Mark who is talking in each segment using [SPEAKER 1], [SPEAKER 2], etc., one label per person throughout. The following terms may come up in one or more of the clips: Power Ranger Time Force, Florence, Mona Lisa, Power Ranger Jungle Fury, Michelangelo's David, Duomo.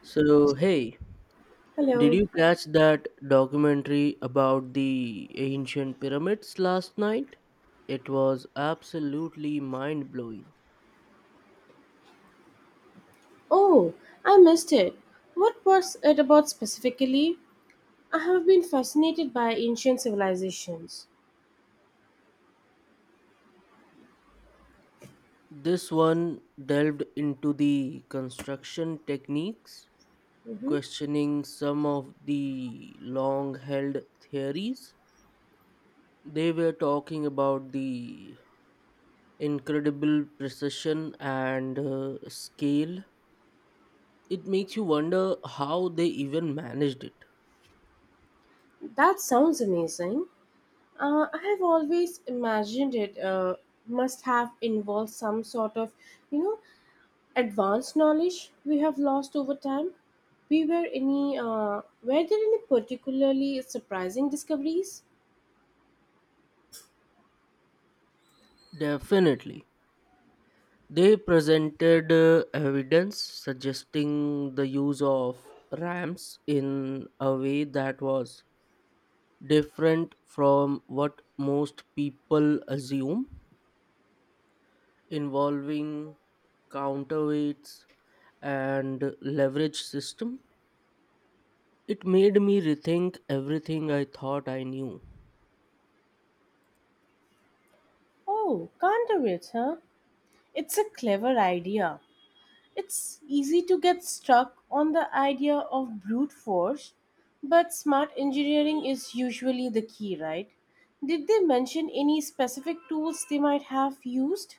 [SPEAKER 1] So, hey, did
[SPEAKER 2] Hello.
[SPEAKER 1] you catch that documentary about the ancient pyramids last night? It was absolutely mind blowing.
[SPEAKER 2] Oh, I missed it. What was it about specifically? I have been fascinated by ancient civilizations.
[SPEAKER 1] This one delved into the construction techniques,
[SPEAKER 2] Hmm.
[SPEAKER 1] questioning some of the long held theories. They were talking about the incredible precision and scale. It makes you wonder how they even managed it.
[SPEAKER 2] That sounds amazing. I have always imagined it must have involved some sort of, you know, advanced knowledge we have lost over time. We were any were there any particularly surprising discoveries?
[SPEAKER 1] Definitely. They presented evidence suggesting the use of ramps in a way that was different from what most people assume, involving counterweights and leverage system. It made me rethink everything I thought I knew.
[SPEAKER 2] Oh, can't do it, huh? It's a clever idea. It's easy to get stuck on the idea of brute force, but smart engineering is usually the key, right? Did they mention any specific tools they might have used?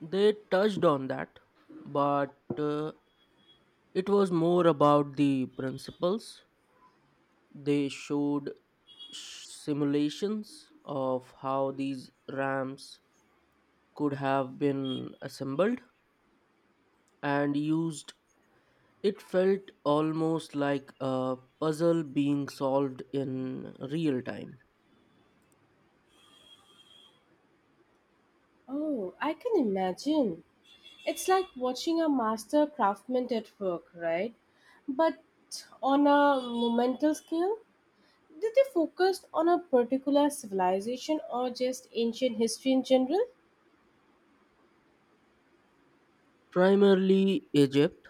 [SPEAKER 1] They touched on that, but it was more about the principles. They showed simulations of how these ramps could have been assembled and used. It felt almost like a puzzle being solved in real time.
[SPEAKER 2] Oh, I can imagine. It's like watching a master craftsman at work, right? But on a monumental scale, did they focus on a particular civilization or just ancient history in general?
[SPEAKER 1] Primarily Egypt,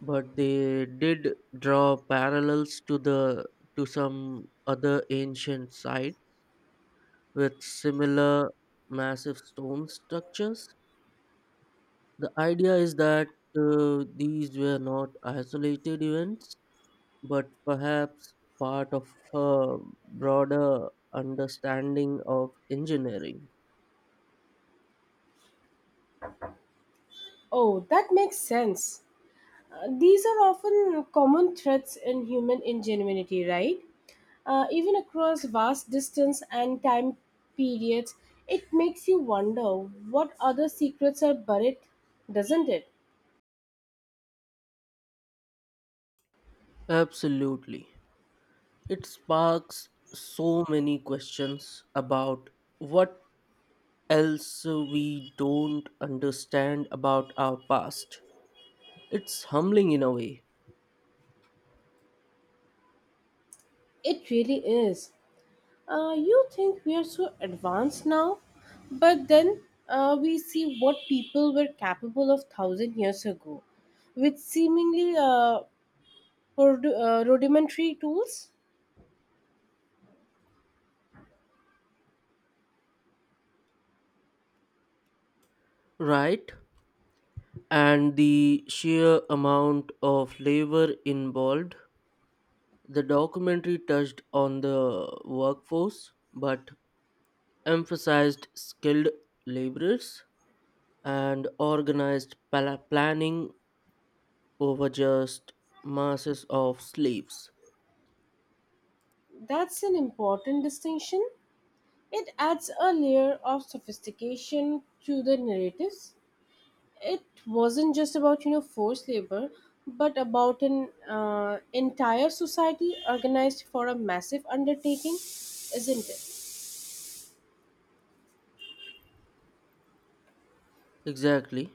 [SPEAKER 1] but they did draw parallels to the to some other ancient sites with similar massive stone structures. The idea is that these were not isolated events but perhaps part of a broader understanding of engineering.
[SPEAKER 2] Oh, that makes sense. These are often common threats in human ingenuity, right? Even across vast distance and time periods, it makes you wonder what other secrets are buried, doesn't it?
[SPEAKER 1] Absolutely. It sparks so many questions about what else we don't understand about our past. It's humbling in a way,
[SPEAKER 2] It really is. You think we are so advanced now, but then we see what people were capable of thousand years ago, with seemingly rudimentary tools.
[SPEAKER 1] right? And the sheer amount of labor involved. The documentary touched on the workforce, but emphasized skilled laborers and organized planning over just masses of slaves.
[SPEAKER 2] That's an important distinction. It adds a layer of sophistication to the narratives. It wasn't just about forced labor, but about an entire society organized for a massive undertaking, isn't it?
[SPEAKER 1] Exactly.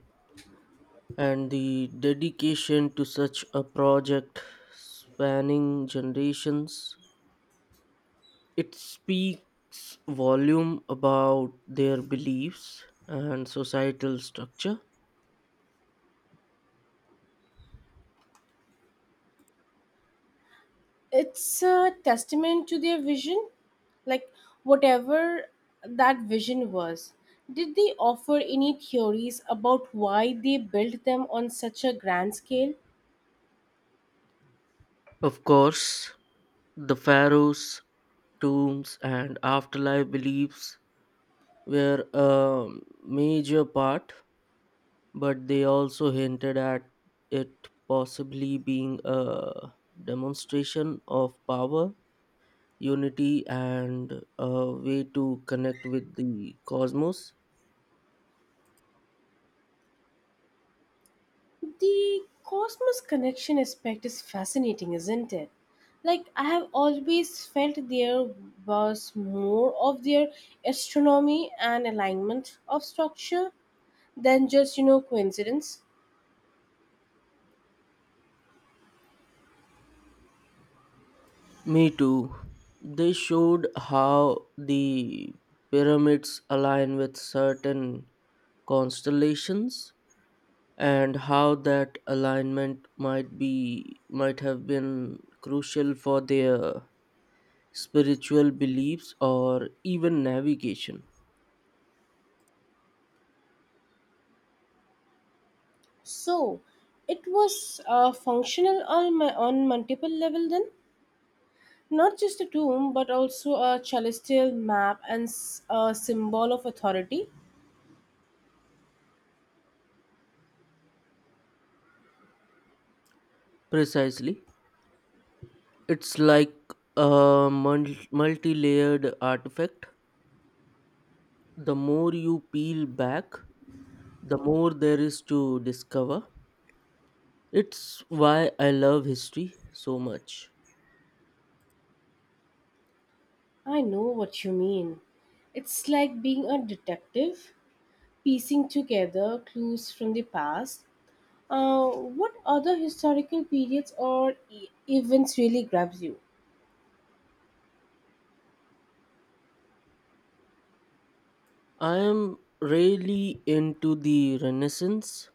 [SPEAKER 1] And the dedication to such a project spanning generations, it speaks volume about their beliefs and societal structure.
[SPEAKER 2] It's a testament to their vision, like whatever that vision was. Did they offer any theories about why they built them on such a grand scale?
[SPEAKER 1] Of course, the pharaohs, tombs, and afterlife beliefs were a major part, but they also hinted at it possibly being a demonstration of power, unity, and a way to connect with the cosmos.
[SPEAKER 2] The cosmos connection aspect is fascinating, isn't it? Like, I have always felt there was more of their astronomy and alignment of structure than just, you know, coincidence.
[SPEAKER 1] Me too. They showed how the pyramids align with certain constellations and how that alignment might have been crucial for their spiritual beliefs, or even navigation.
[SPEAKER 2] So, it was functional on, my, on multiple level then? Not just a tomb, but also a celestial map and a symbol of authority.
[SPEAKER 1] Precisely. It's like a multi layered artifact. The more you peel back, the more there is to discover. It's why I love history so much.
[SPEAKER 2] I know what you mean. It's like being a detective piecing together clues from the past. What other historical periods or events really grabs you?
[SPEAKER 1] I am really into the Renaissance,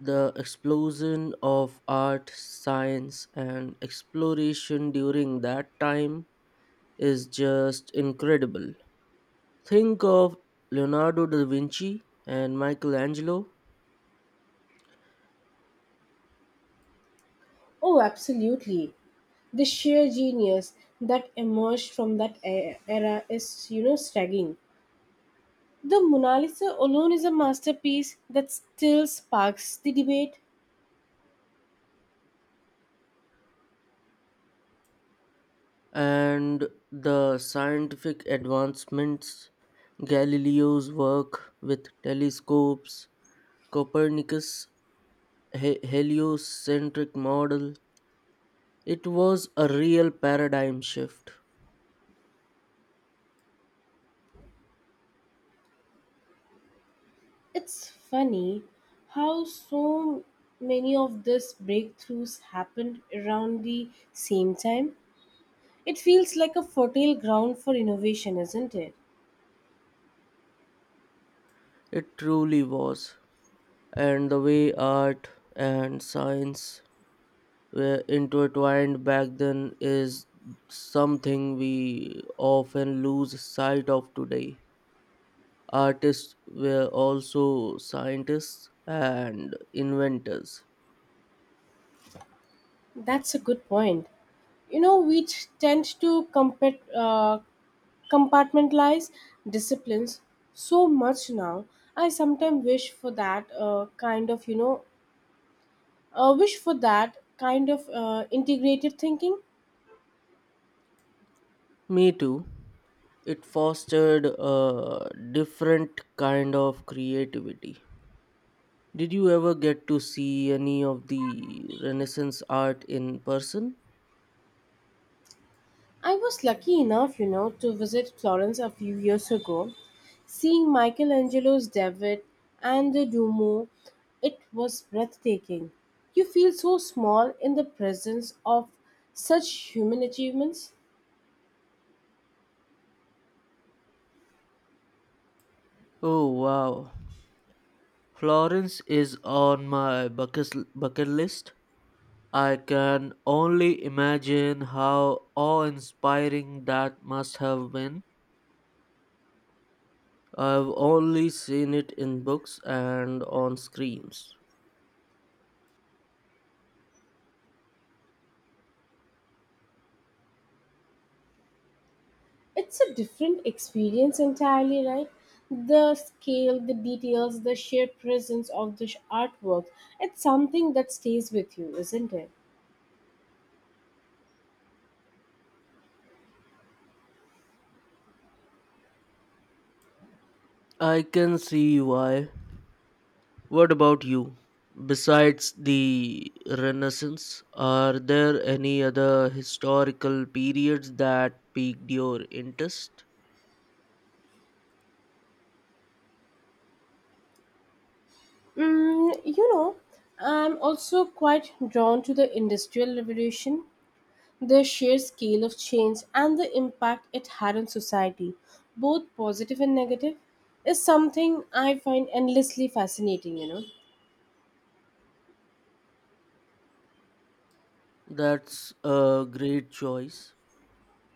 [SPEAKER 1] the explosion of art, science, and exploration during that time is just incredible. Think of Leonardo da Vinci and Michelangelo,
[SPEAKER 2] Oh, absolutely. The sheer genius that emerged from that era is, you know, staggering. The Mona Lisa alone is a masterpiece that still sparks the debate.
[SPEAKER 1] and the scientific advancements, Galileo's work with telescopes, Copernicus' heliocentric model. It was a real paradigm shift.
[SPEAKER 2] It's funny how so many of these breakthroughs happened around the same time. It feels like a fertile ground for innovation, isn't it?
[SPEAKER 1] It truly was. And the way art and science were intertwined back then is something we often lose sight of today. Artists were also scientists and inventors.
[SPEAKER 2] That's a good point. You know, we compartmentalize disciplines so much now. I sometimes wish for that kind of, you know, wish for that kind of integrated thinking.
[SPEAKER 1] Me too. It fostered a different kind of creativity. Did you ever get to see any of the Renaissance art in person?
[SPEAKER 2] I was lucky enough, you know, to visit Florence a few years ago. Seeing Michelangelo's David and the Duomo, it was breathtaking. You feel so small in the presence of such human achievements.
[SPEAKER 1] Oh wow. Florence is on my bucket list. I can only imagine how awe inspiring that must have been. I've only seen it in books and on screens.
[SPEAKER 2] It's a different experience entirely, right? The scale, the details, the sheer presence of the artwork, it's something that stays with you, isn't it?
[SPEAKER 1] I can see why. What about you? Besides the Renaissance, are there any other historical periods that piqued your interest?
[SPEAKER 2] Mm, you know, I'm also quite drawn to the Industrial Revolution, the sheer scale of change and the impact it had on society, both positive and negative, is something I find endlessly fascinating, you know.
[SPEAKER 1] That's a great choice.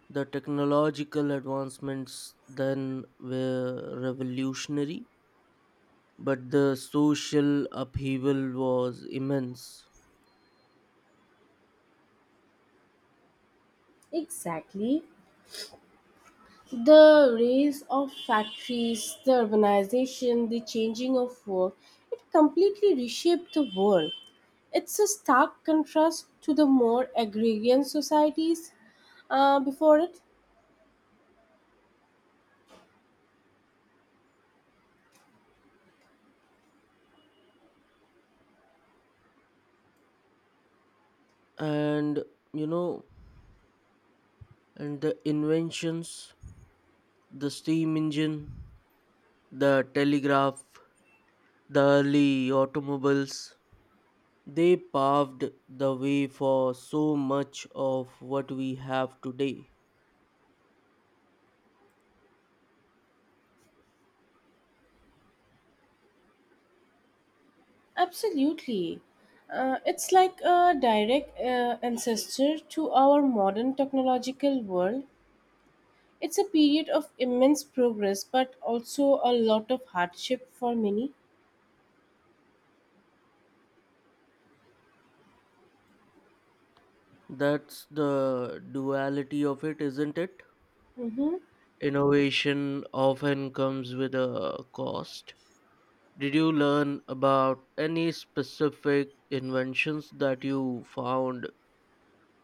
[SPEAKER 1] The technological advancements then were revolutionary, but the social upheaval was immense.
[SPEAKER 2] Exactly. The rise of factories, the urbanization, the changing of work, it completely reshaped the world. It's a stark contrast to the more agrarian societies before it.
[SPEAKER 1] And you know, and the inventions, the steam engine, the telegraph, the early automobiles, they paved the way for so much of what we have today.
[SPEAKER 2] Absolutely. It's like a direct ancestor to our modern technological world. It's a period of immense progress, but also a lot of hardship for many.
[SPEAKER 1] That's the duality of it, isn't it?
[SPEAKER 2] Hmm.
[SPEAKER 1] Innovation often comes with a cost. Did you learn about any specific inventions that you found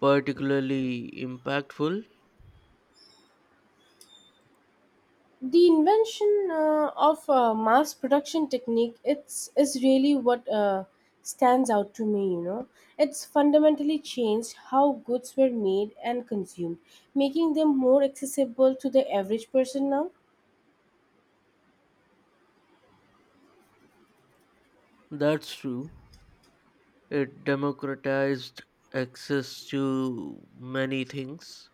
[SPEAKER 1] particularly impactful?
[SPEAKER 2] The invention of mass production technique is really what stands out to me, you know. It's fundamentally changed how goods were made and consumed, making them more accessible to the average person now.
[SPEAKER 1] That's true. It democratized access to many things,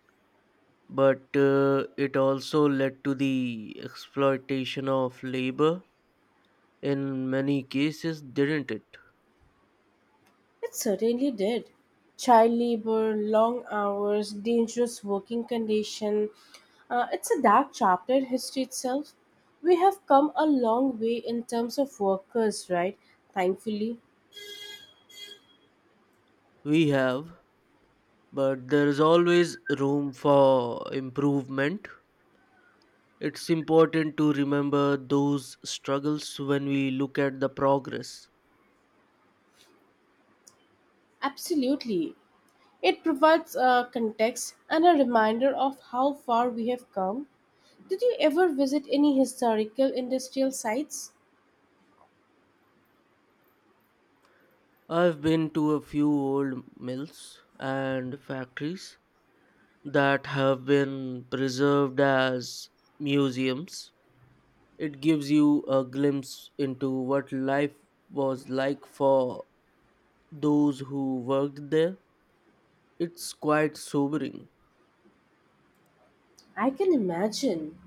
[SPEAKER 1] but it also led to the exploitation of labor in many cases, didn't it?
[SPEAKER 2] It certainly did. Child labor, long hours, dangerous working condition. It's a dark chapter in history itself. We have come a long way in terms of workers, right? Thankfully.
[SPEAKER 1] We have, but there is always room for improvement. It's important to remember those struggles when we look at the progress.
[SPEAKER 2] Absolutely. It provides a context and a reminder of how far we have come. Did you ever visit any historical industrial sites?
[SPEAKER 1] I've been to a few old mills and factories that have been preserved as museums. It gives you a glimpse into what life was like for those who worked there. It's quite sobering.
[SPEAKER 2] I can imagine.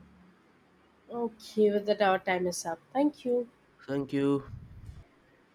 [SPEAKER 2] Okay, with that, our time is up. Thank you.
[SPEAKER 1] Thank you.